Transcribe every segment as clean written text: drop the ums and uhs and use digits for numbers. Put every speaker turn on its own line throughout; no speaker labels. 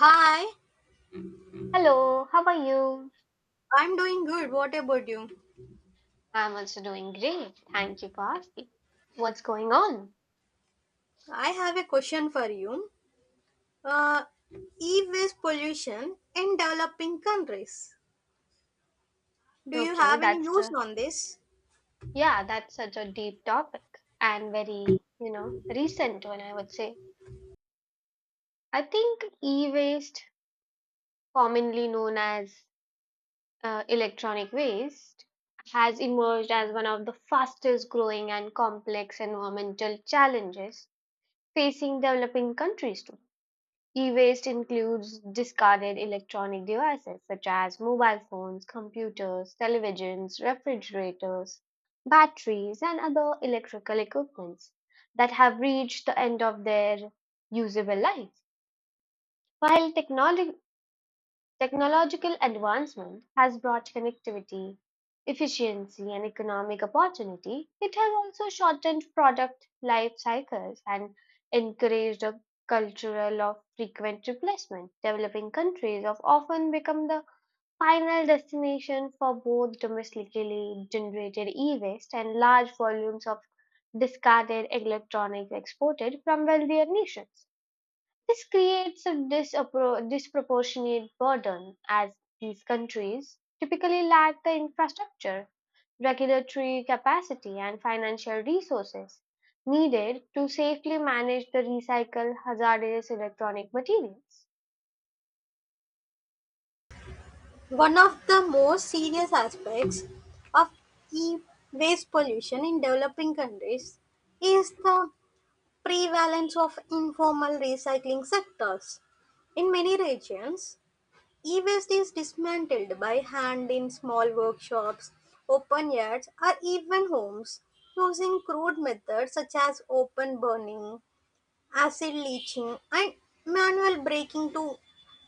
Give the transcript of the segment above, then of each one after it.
Hi,
Hello, how are you?
I'm doing good. What about you?
I'm also doing great. Thank you for asking. What's going on?
I have a question for you. Uh, E-waste pollution in developing countries. Do you
Okay,
have any views on this?
yeah, that's such a deep topic and very, recent one, I would say. I think e-waste, commonly known as electronic waste, has emerged as one of the fastest growing and complex environmental challenges facing developing countries today. E-waste includes discarded electronic devices such as mobile phones, computers, televisions, refrigerators, batteries, and other electrical equipments that have reached the end of their usable life. While technology Technological advancement has brought connectivity, efficiency, and economic opportunity. It has also shortened product life cycles and encouraged a cultural of frequent replacement. Developing countries have often become the final destination for both domestically generated e-waste and large volumes of discarded electronics exported from wealthier nations. This creates a disproportionate burden, as these countries typically lack the infrastructure, regulatory capacity, and financial resources needed to safely manage the recycle hazardous electronic materials.
One of the most serious aspects of e-waste pollution in developing countries is the prevalence of informal recycling sectors. In many regions, e-waste is dismantled by hand in small workshops, open yards, or even homes using crude methods such as open burning, acid leaching, and manual breaking to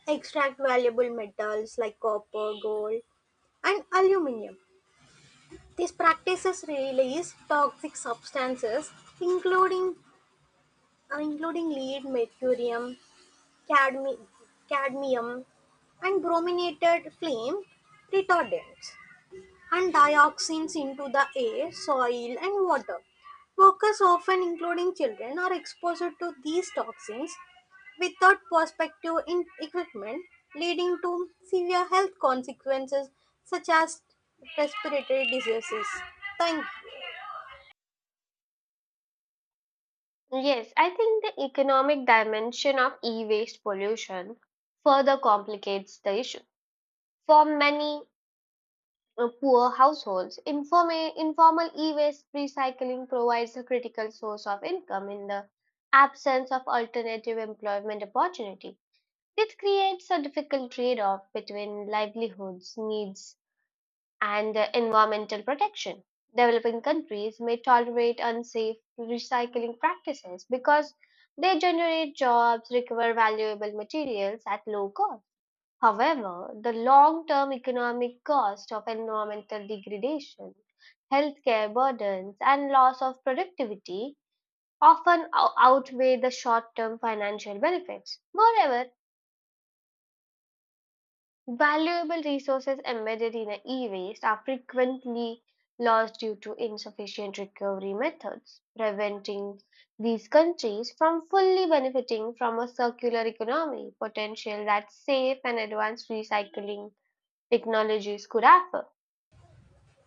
extract valuable metals like copper, gold, and aluminium. These practices release toxic substances including including lead, mercurium, cadmi- cadmium and brominated flame retardants and dioxins into the air, soil, and water. Workers, often including children, are exposed to these toxins without protective equipment, leading to severe health consequences such as respiratory diseases. Thank you.
Yes, I think the economic dimension of e waste pollution further complicates the issue. For many poor households, informal e-waste recycling provides a critical source of income in the absence of alternative employment opportunity. It creates a difficult trade-off between livelihoods, needs, and environmental protection. Developing countries may tolerate unsafe recycling practices because they generate jobs, recover valuable materials at low cost. However, the long-term economic cost of environmental degradation, healthcare burdens, and loss of productivity often outweigh the short-term financial benefits. Moreover, valuable resources embedded in a e-waste are frequently lost due to insufficient recovery methods, preventing these countries from fully benefiting from a circular economy potential that safe and advanced recycling technologies could offer.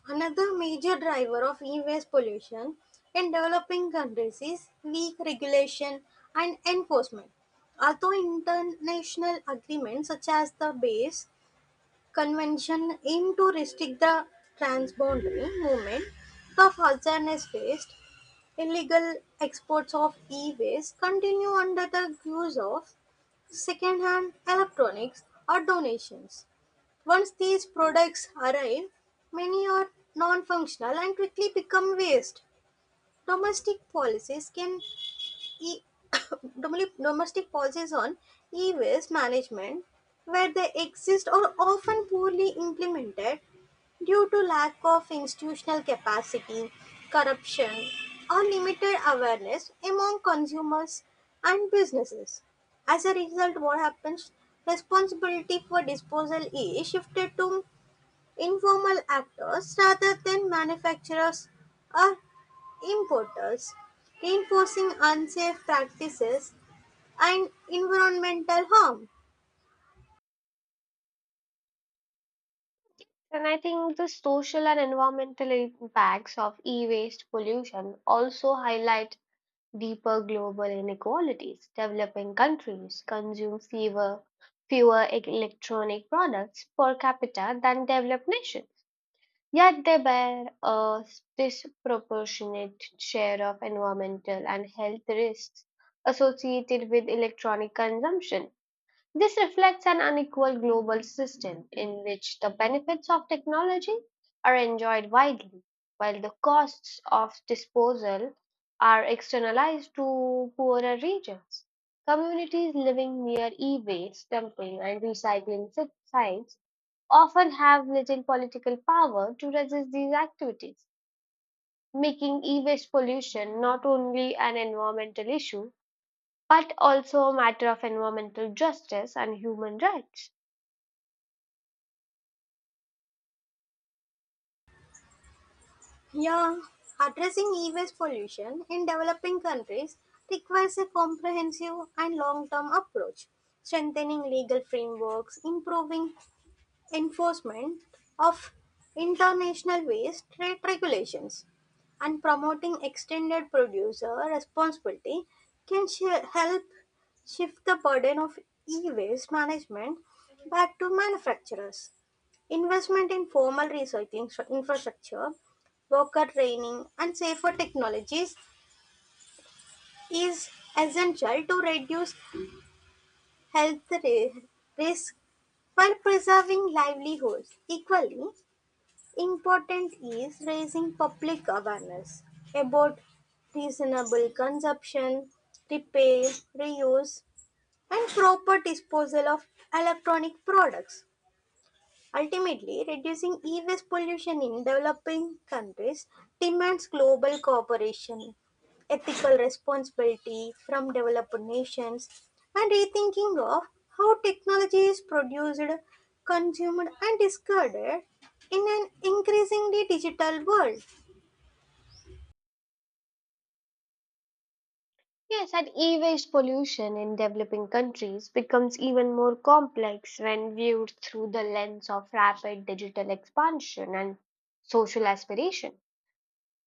Another major driver of e-waste pollution in developing countries is weak regulation and enforcement. Although international agreements such as the Base Convention aim to restrict the transboundary movement of hazardous waste, illegal exports of e-waste continue under the guise of second-hand electronics or donations. Once these products arrive, many are non functional and quickly become waste. Domestic policies can e- Domestic policies on e-waste management, where they exist, are often poorly implemented due to lack of institutional capacity, corruption, or limited awareness among consumers and businesses. As a result, what happens? Responsibility for disposal is shifted to informal actors, rather than manufacturers or importers, reinforcing unsafe practices and environmental harm.
And I think the social and environmental impacts of e waste pollution also highlight deeper global inequalities. Developing countries consume fewer electronic products per capita than developed nations, yet they bear a disproportionate share of environmental and health risks associated with electronic consumption. This reflects an unequal global system in which the benefits of technology are enjoyed widely, while the costs of disposal are externalized to poorer regions. Communities living near e waste dumping and recycling sites often have little political power to resist these activities, making e waste pollution not only an environmental issue but also a matter of environmental justice and human rights.
Yeah, addressing e-waste pollution in developing countries requires a comprehensive and long-term approach. Strengthening legal frameworks, improving enforcement of international waste trade regulations, and promoting extended producer responsibility can help shift the burden of e-waste management back to manufacturers. Investment in formal infrastructure, worker training, and safer technologies is essential to reduce health ri- risk while preserving livelihoods. Equally important is raising public awareness about reasonable consumption, repair, reuse, and proper disposal of electronic products. Ultimately, reducing e-waste pollution in developing countries demands global cooperation, ethical responsibility from developed nations, and rethinking of how technology is produced, consumed, and discarded in an increasingly digital world.
Yes, and e-waste pollution in developing countries becomes even more complex when viewed through the lens of rapid digital expansion and social aspiration.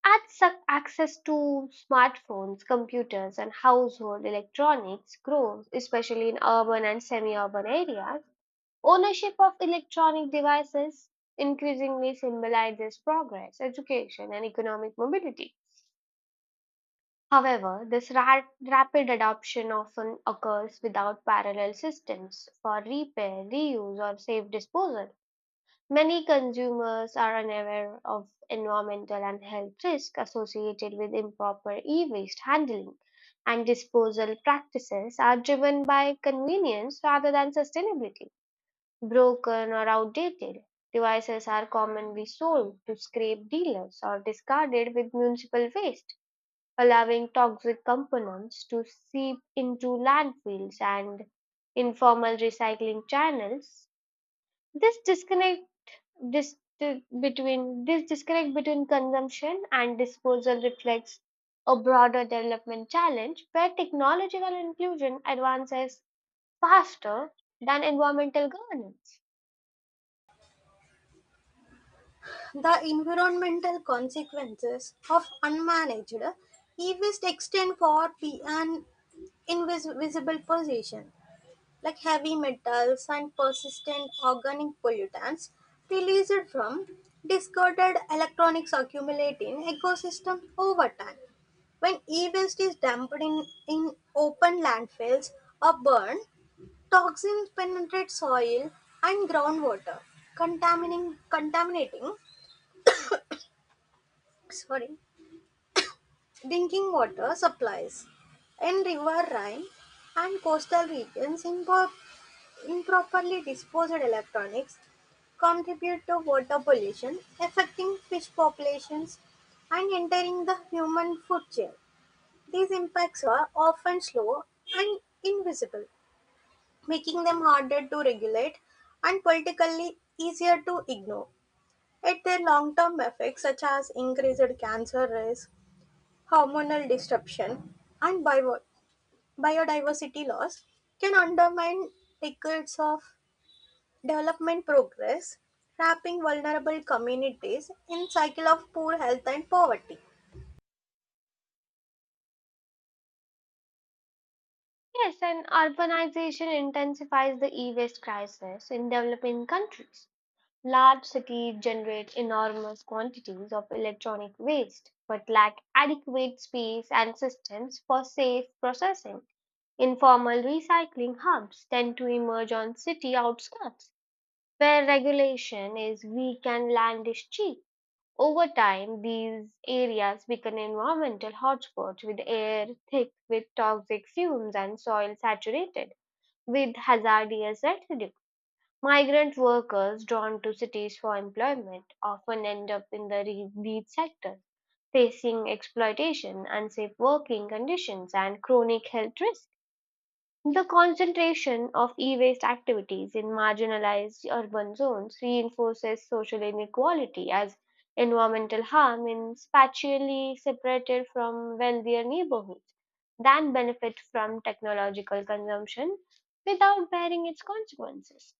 As access to smartphones, computers, and household electronics grows, especially in urban and semi-urban areas, ownership of electronic devices increasingly symbolizes progress, education, and economic mobility. However, this rapid adoption often occurs without parallel systems for repair, reuse, or safe disposal. Many consumers are unaware of environmental and health risks associated with improper e waste handling, and disposal practices are driven by convenience rather than sustainability. Broken or outdated devices are commonly sold to scrap dealers or discarded with municipal waste, allowing toxic components to seep into landfills and informal recycling channels. This disconnect dis- between this disconnect between consumption and disposal reflects a broader development challenge where technological inclusion advances faster than environmental governance.
The environmental consequences of unmanaged e-waste extend far beyond invisible position, like heavy metals and persistent organic pollutants released from discarded electronics accumulate in ecosystem over time. When e-waste is dumped in open landfills or burned, toxins penetrate soil and groundwater, contaminating sorry, drinking water supplies in river Rhine and coastal regions in Bur- Improperly disposed electronics contribute to water pollution, affecting fish populations and entering the human food chain. These impacts are often slow and invisible, making them harder to regulate and politically easier to ignore. Yet their long-term effects, such as increased cancer risk, hormonal disruption, and biodiversity loss, can undermine decades of development progress, trapping vulnerable communities in cycle of poor health and poverty.
Yes, and urbanization intensifies the e waste crisis in developing countries. Large cities generate enormous quantities of electronic waste, but lack adequate space and systems for safe processing. Informal recycling hubs tend to emerge on city outskirts, where regulation is weak and land is cheap. Over time, these areas become environmental hotspots with air thick with toxic fumes and soil saturated with hazardous residue. Migrant workers drawn to cities for employment often end up in the wheat sector, facing exploitation, unsafe working conditions, and chronic health risks. The concentration of e waste activities in marginalized urban zones reinforces social inequality, as environmental harm is spatially separated from wealthier neighborhoods that benefit from technological consumption without bearing its consequences.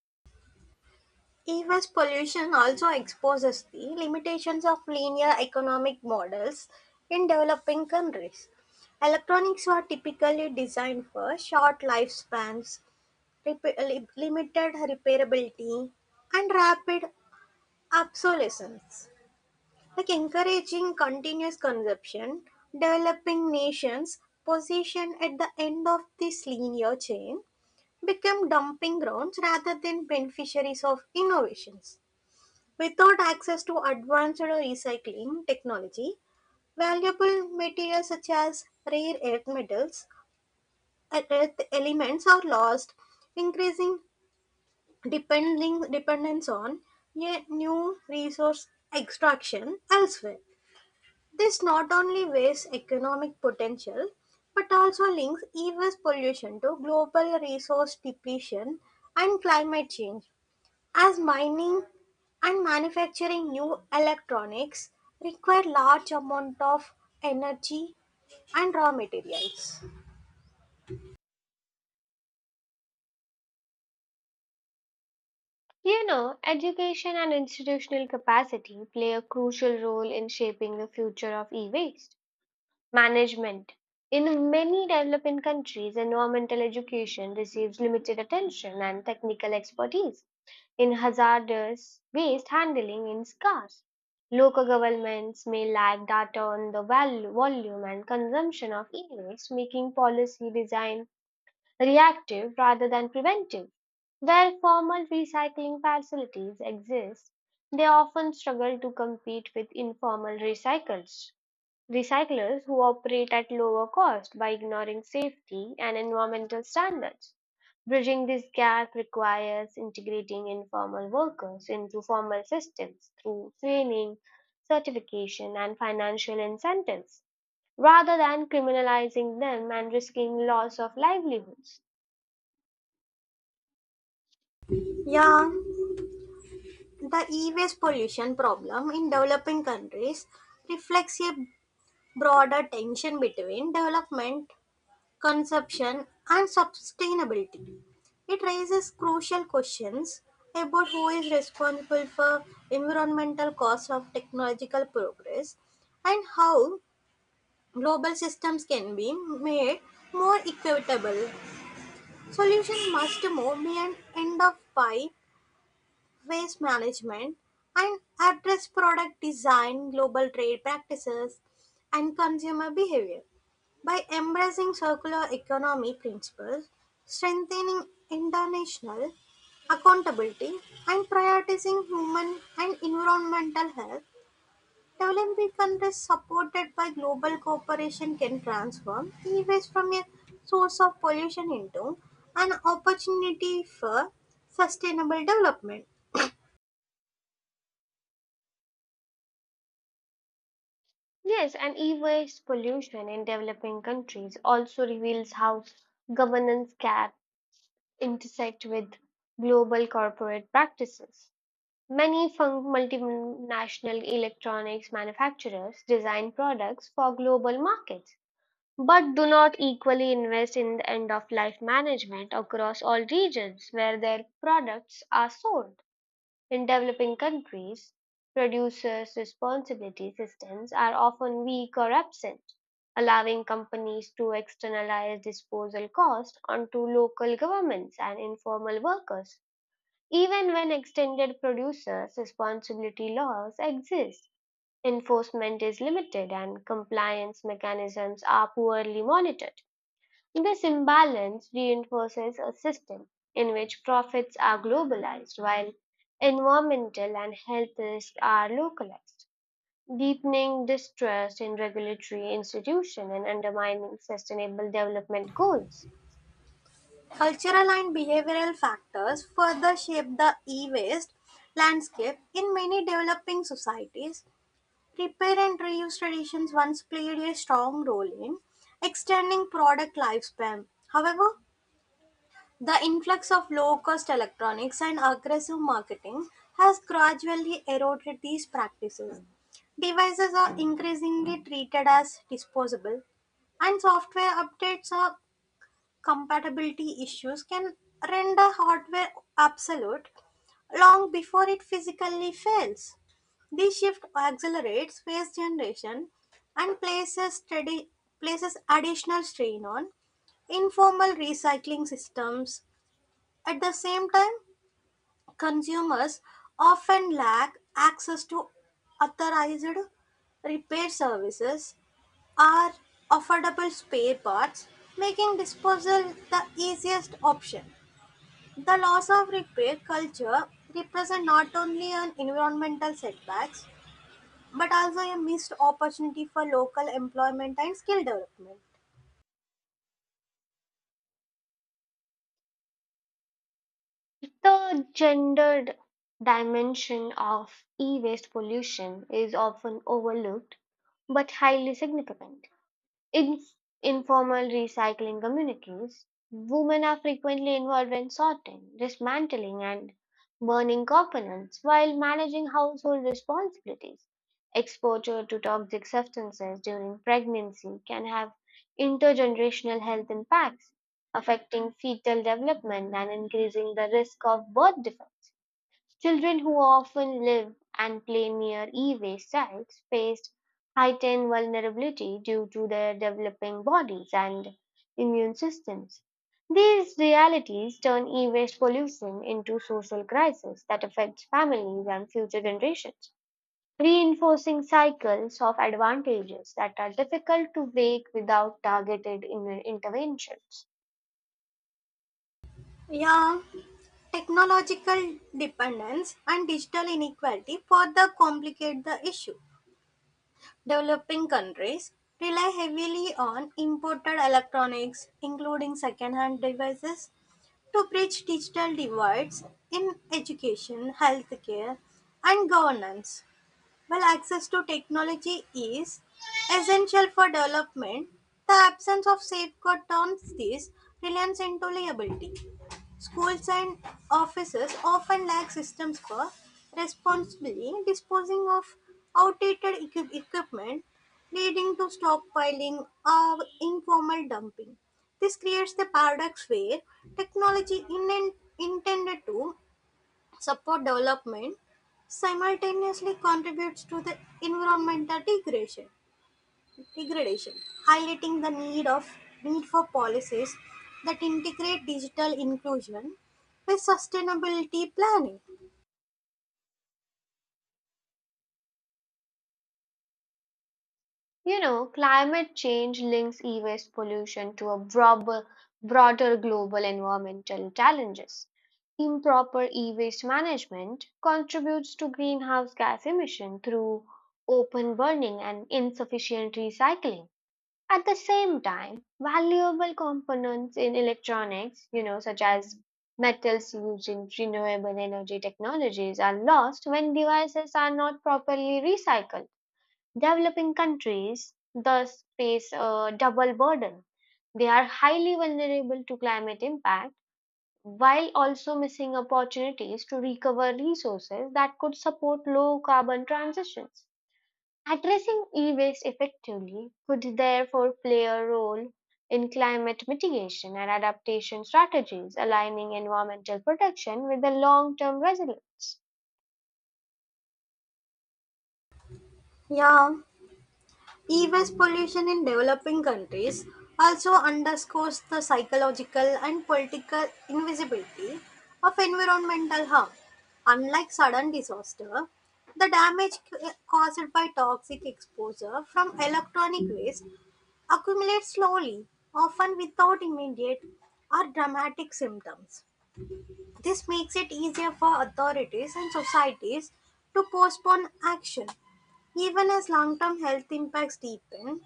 E-waste pollution also exposes the limitations of linear economic models in developing countries. Electronics were typically designed for short lifespans, limited repairability, and rapid obsolescence. Like encouraging continuous consumption, developing nations' position at the end of this linear chain become dumping grounds rather than beneficiaries of innovations. Without access to advanced recycling technology, valuable materials such as rare earth metals, earth elements are lost, increasing dependence on yet new resource extraction elsewhere. This not only wastes economic potential, but also links e EV's pollution to global resource depletion and climate change, as mining and manufacturing new electronics require large amount of energy and raw materials.
You know, education and institutional capacity play a crucial role in shaping the future of e waste management. In many developing countries, environmental education receives limited attention and technical expertise in hazardous waste handling in scarce. Local governments may lack data on the volume and consumption of e waste, making policy design reactive rather than preventive. Where formal recycling facilities exist, they often struggle to compete with informal recyclers who operate at lower cost by ignoring safety and environmental standards. Bridging this gap requires integrating informal workers into formal systems through training, certification, and financial incentives, rather than criminalizing them and risking loss of livelihoods.
Yeah, the e-waste pollution problem in developing countries reflects a broader tension between development consumption, and sustainability. It raises crucial questions about who is responsible for environmental costs of technological progress and how global systems can be made more equitable. Solutions must move beyond end of pie waste management and address product design, global trade practices, and consumer behavior. By embracing circular economy principles, strengthening international accountability, and prioritizing human and environmental health, developing countries supported by global cooperation can transform e waste from a source of pollution into an opportunity for sustainable development.
Yes, and e-waste pollution in developing countries also reveals how governance gaps intersect with global corporate practices. Many multinational electronics manufacturers design products for global markets, but do not equally invest in the end-of-life management across all regions where their products are sold. In developing countries, producers' responsibility systems are often weak or absent, allowing companies to externalize disposal costs onto local governments and informal workers. Even when extended producers' responsibility laws exist, enforcement is limited and compliance mechanisms are poorly monitored. This imbalance reinforces a system in which profits are globalized while environmental and health risks are localized, deepening distrust in regulatory institutions and undermining sustainable development goals.
Cultural and behavioral factors further shape the e-waste landscape in many developing societies. Repair and reuse traditions once played a strong role in extending product lifespan. However, the influx of low-cost electronics and aggressive marketing has gradually eroded these practices. Devices are increasingly treated as disposable, and software updates are compatibility issues can render hardware obsolete long before it physically fails. This shift accelerates phase generation and places additional strain on informal recycling systems. At the same time, consumers often lack access to authorized repair services or affordable spare parts, making disposal the easiest option. The loss of repair culture represents not only an environmental setbacks but also a missed opportunity for local employment and skill development.
The gendered dimension of e waste pollution is often overlooked but highly significant. In informal recycling communities, women are frequently involved in sorting, dismantling, and burning components while managing household responsibilities. Exposure to toxic substances during pregnancy can have intergenerational health impacts, affecting fetal development and increasing the risk of birth defects. Children, who often live and play near e-waste sites, face heightened vulnerability due to their developing bodies and immune systems. These realities turn e-waste pollution into social crisis that affects families and future generations, reinforcing cycles of advantages that are difficult to break without targeted interventions.
Yeah, technological dependence and digital inequality further complicate the issue. Developing countries rely heavily on imported electronics, including second-hand devices, to bridge digital divides in education, healthcare, and governance. While access to technology is essential for development, the absence of safeguard turns this reliance into liability. Schools and offices often lack systems for responsibly disposing of equipment, leading to stockpiling or informal dumping. This creates the paradox where intended to support development simultaneously contributes to the environmental degradation, highlighting the need of need for policies that integrate digital inclusion with sustainability planning.
You know, climate change links e-waste pollution to a broader global environmental challenges. Improper e-waste management contributes to greenhouse gas emission through open burning and insufficient recycling. At the same time, valuable components in electronics, you know, such as metals used in renewable energy technologies are lost when devices are not properly recycled. Developing countries thus face a double burden. They are highly vulnerable to climate impact while also missing opportunities to recover resources that could support low carbon transitions. Addressing e waste effectively could therefore play a role in climate mitigation and adaptation strategies, aligning environmental protection with the long term resilience.
Yeah, e-waste pollution in developing countries also underscores the psychological and political invisibility of environmental harm. Unlike sudden disaster, the damage caused by toxic exposure from electronic waste accumulate slowly, often without immediate or dramatic symptoms. This makes it easier for authorities and societies to postpone action. Even as long term health impacts deepen,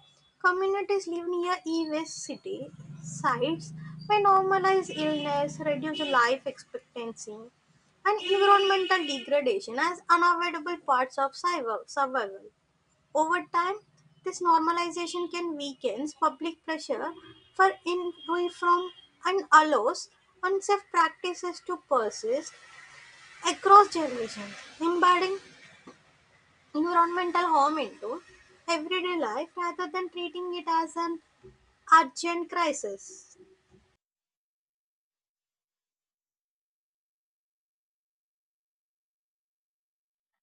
communities live near e waste city sites may normalize illness, reduce life expectancy, and environmental degradation as unavoidable parts of survival. Over time, this normalization can weaken public pressure for reform and allows unsafe practices to persist across generations, embedding environmental harm into everyday life rather than treating it as an urgent crisis.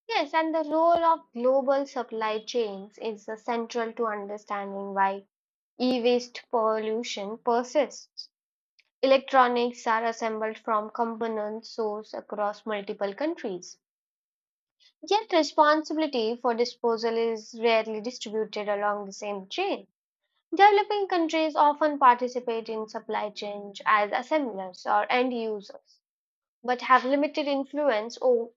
Yes, and the role of global supply chains is central to understanding why e-waste pollution persists. Electronics are assembled from component source across multiple countries. Yet responsibility for disposal is rarely distributed along the same chain. Developing countries often participate in supply chains as assemblers or end users, but have limited influence o-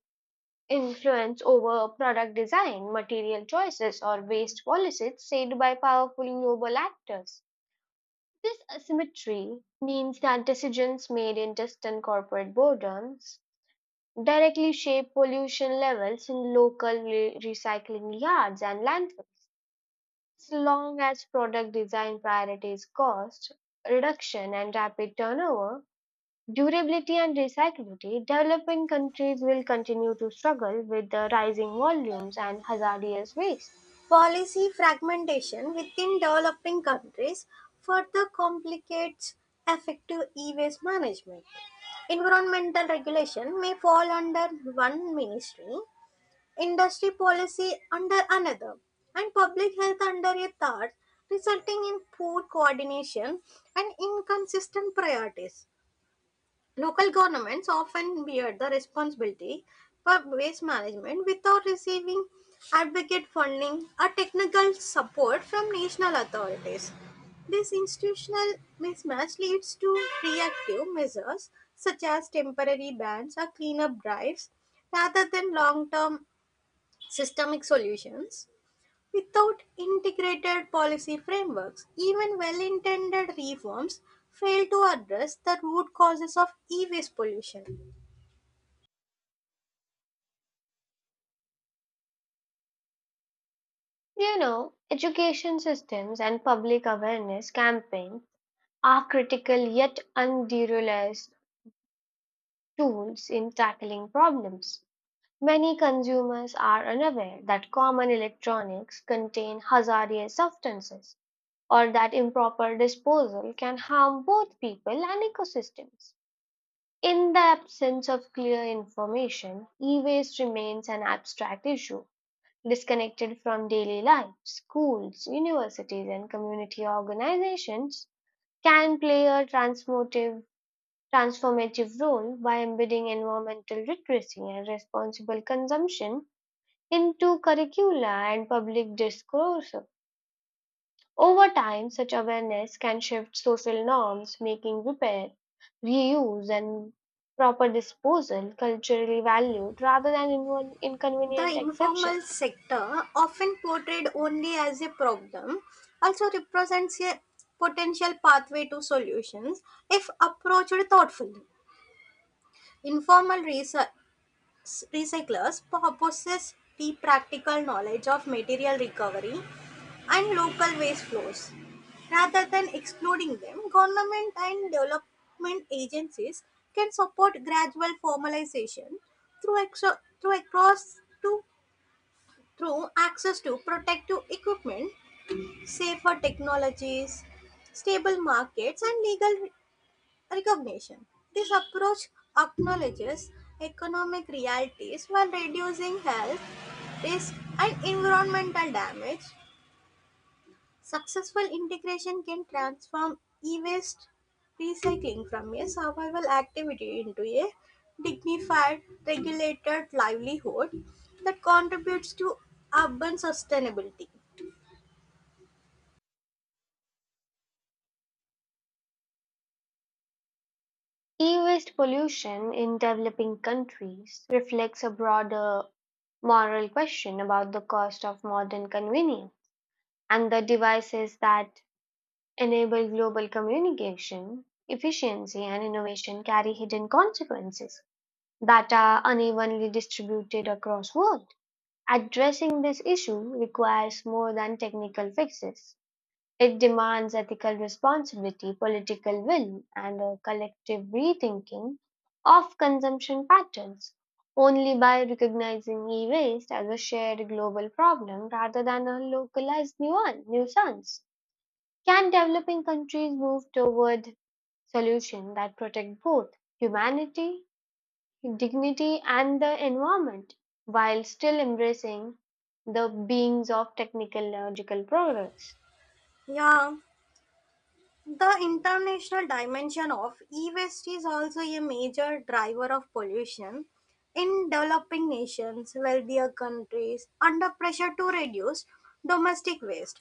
Influence over product design, material choices, or waste policies shaped by powerful global actors. This asymmetry means that decisions made in distant corporate boardrooms directly shape pollution levels in local recycling yards and landfills. As long as product design priorities cost reduction and rapid turnover, durability and recyclability, developing countries will continue to struggle with the rising volumes and hazardous waste.
Policy fragmentation within developing countries further complicates effective e-waste management. Environmental regulation may fall under one ministry, industry policy under another, and public health under a third, resulting in poor coordination and inconsistent priorities. Local governments often bear the responsibility for waste management without receiving adequate funding or technical support from national authorities. This institutional mismatch leads to reactive measures such as temporary bans or cleanup drives rather than long term systemic solutions. Without integrated policy frameworks, even well intended reforms fail to address the root causes of e waste pollution.
You know, education systems and public awareness campaigns are critical yet underutilized tools in tackling problems. Many consumers are unaware that common electronics contain hazardous substances or that improper disposal can harm both people and ecosystems. In the absence of clear information, e waste remains an abstract issue, disconnected from daily life. Schools, universities, and community organizations can play a transformative role by embedding environmental literacy and responsible consumption into curricula and public discourse. Over time, such awareness can shift social norms, making repair, reuse, and proper disposal culturally valued rather than an inconvenient
The informal
exception.
sector, often portrayed only as a problem, also represents a potential pathway to solutions if approached thoughtfully. Informal research recyclers possess deep practical knowledge of material recovery and local waste flows. Rather than excluding them, government and development agencies can support gradual formalization through, exo- through across to through access to protective equipment, safer technologies, stable markets, and legal recognition. This approach acknowledges economic realities while reducing health risk and environmental damage. Successful integration can transform e-waste recycling from a survival activity into a dignified, regulated livelihood that contributes to urban sustainability.
E waste pollution in developing countries reflects a broader moral question about the cost of modern convenience, and the devices that enable global communication, efficiency, and innovation carry hidden consequences that are unevenly distributed across world. Addressing this issue requires more than technical fixes. It demands ethical responsibility, political will, and a collective rethinking of consumption patterns. Only by recognizing e waste as a shared global problem rather than a localized nuisance can developing countries move toward solutions that protect both humanity dignity and the environment while still embracing the beings of technological progress.
Yeah. The international dimension of e-waste is also a major driver of pollution. In developing nations, wealthier countries under pressure to reduce domestic waste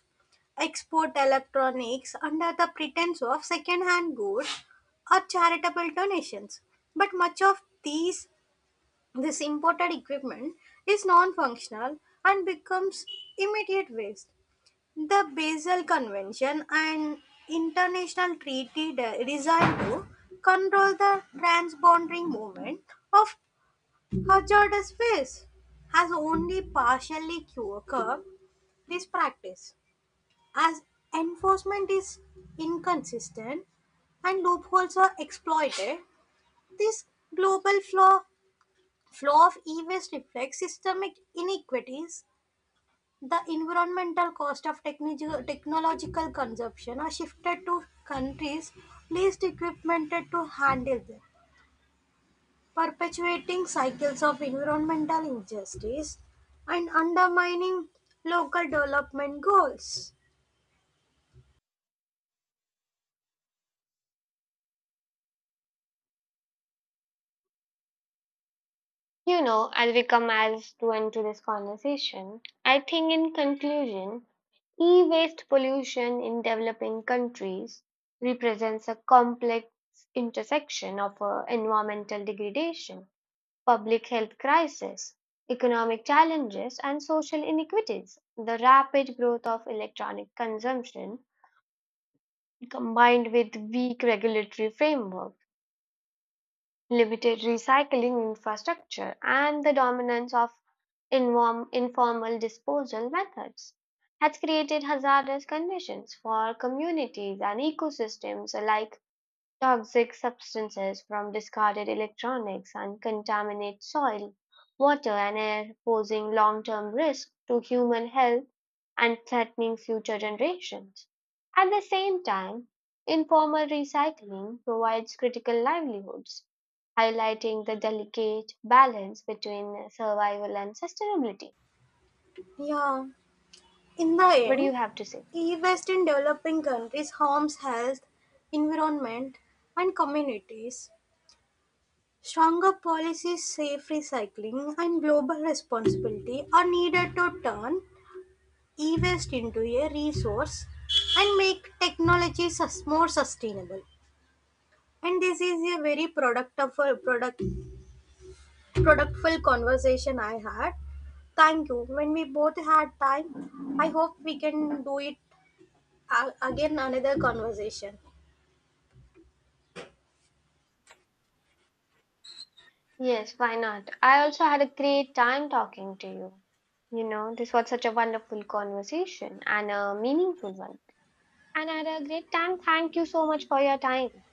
export electronics under the pretense of second-hand goods or charitable donations. But much of these this imported equipment is non-functional and becomes immediate waste. The Basel Convention, an international treaty designed to control the transboundary movement of hazardous waste, has only partially curbed this practice, as enforcement is inconsistent and loopholes are exploited. This global flaw, flaw of e waste reflects systemic inequities. The environmental cost of technological consumption are shifted to countries least equipped to handle them, perpetuating cycles of environmental injustice and undermining local development goals.
You know, as we come as to end to this conversation, I think in conclusion, e-waste pollution in developing countries represents a complex intersection of environmental degradation, public health crisis, economic challenges, and social inequities. The rapid growth of electronic consumption, combined with weak regulatory framework, limited recycling infrastructure, and the dominance of informal disposal methods, has created hazardous conditions for communities and ecosystems alike. Toxic substances from discarded electronics and contaminate soil, water, and air, posing long term risk to human health and threatening future generations. At the same time, informal recycling provides critical livelihoods, highlighting the delicate balance between survival and sustainability.
Yeah, in the
What do you
end,
have to say?
e-waste in developing countries harms health, environment, and communities. Stronger policies, safe recycling, and global responsibility are needed to turn e-waste into a resource and make technology more sustainable, and this is a very productful conversation I had. Thank you. When we both had time, I hope we can do it again, another conversation.
Yes, why not? I also had a great time talking to you. You know, this was such a wonderful conversation and a meaningful one. And I had a great time. Thank you so much for your time.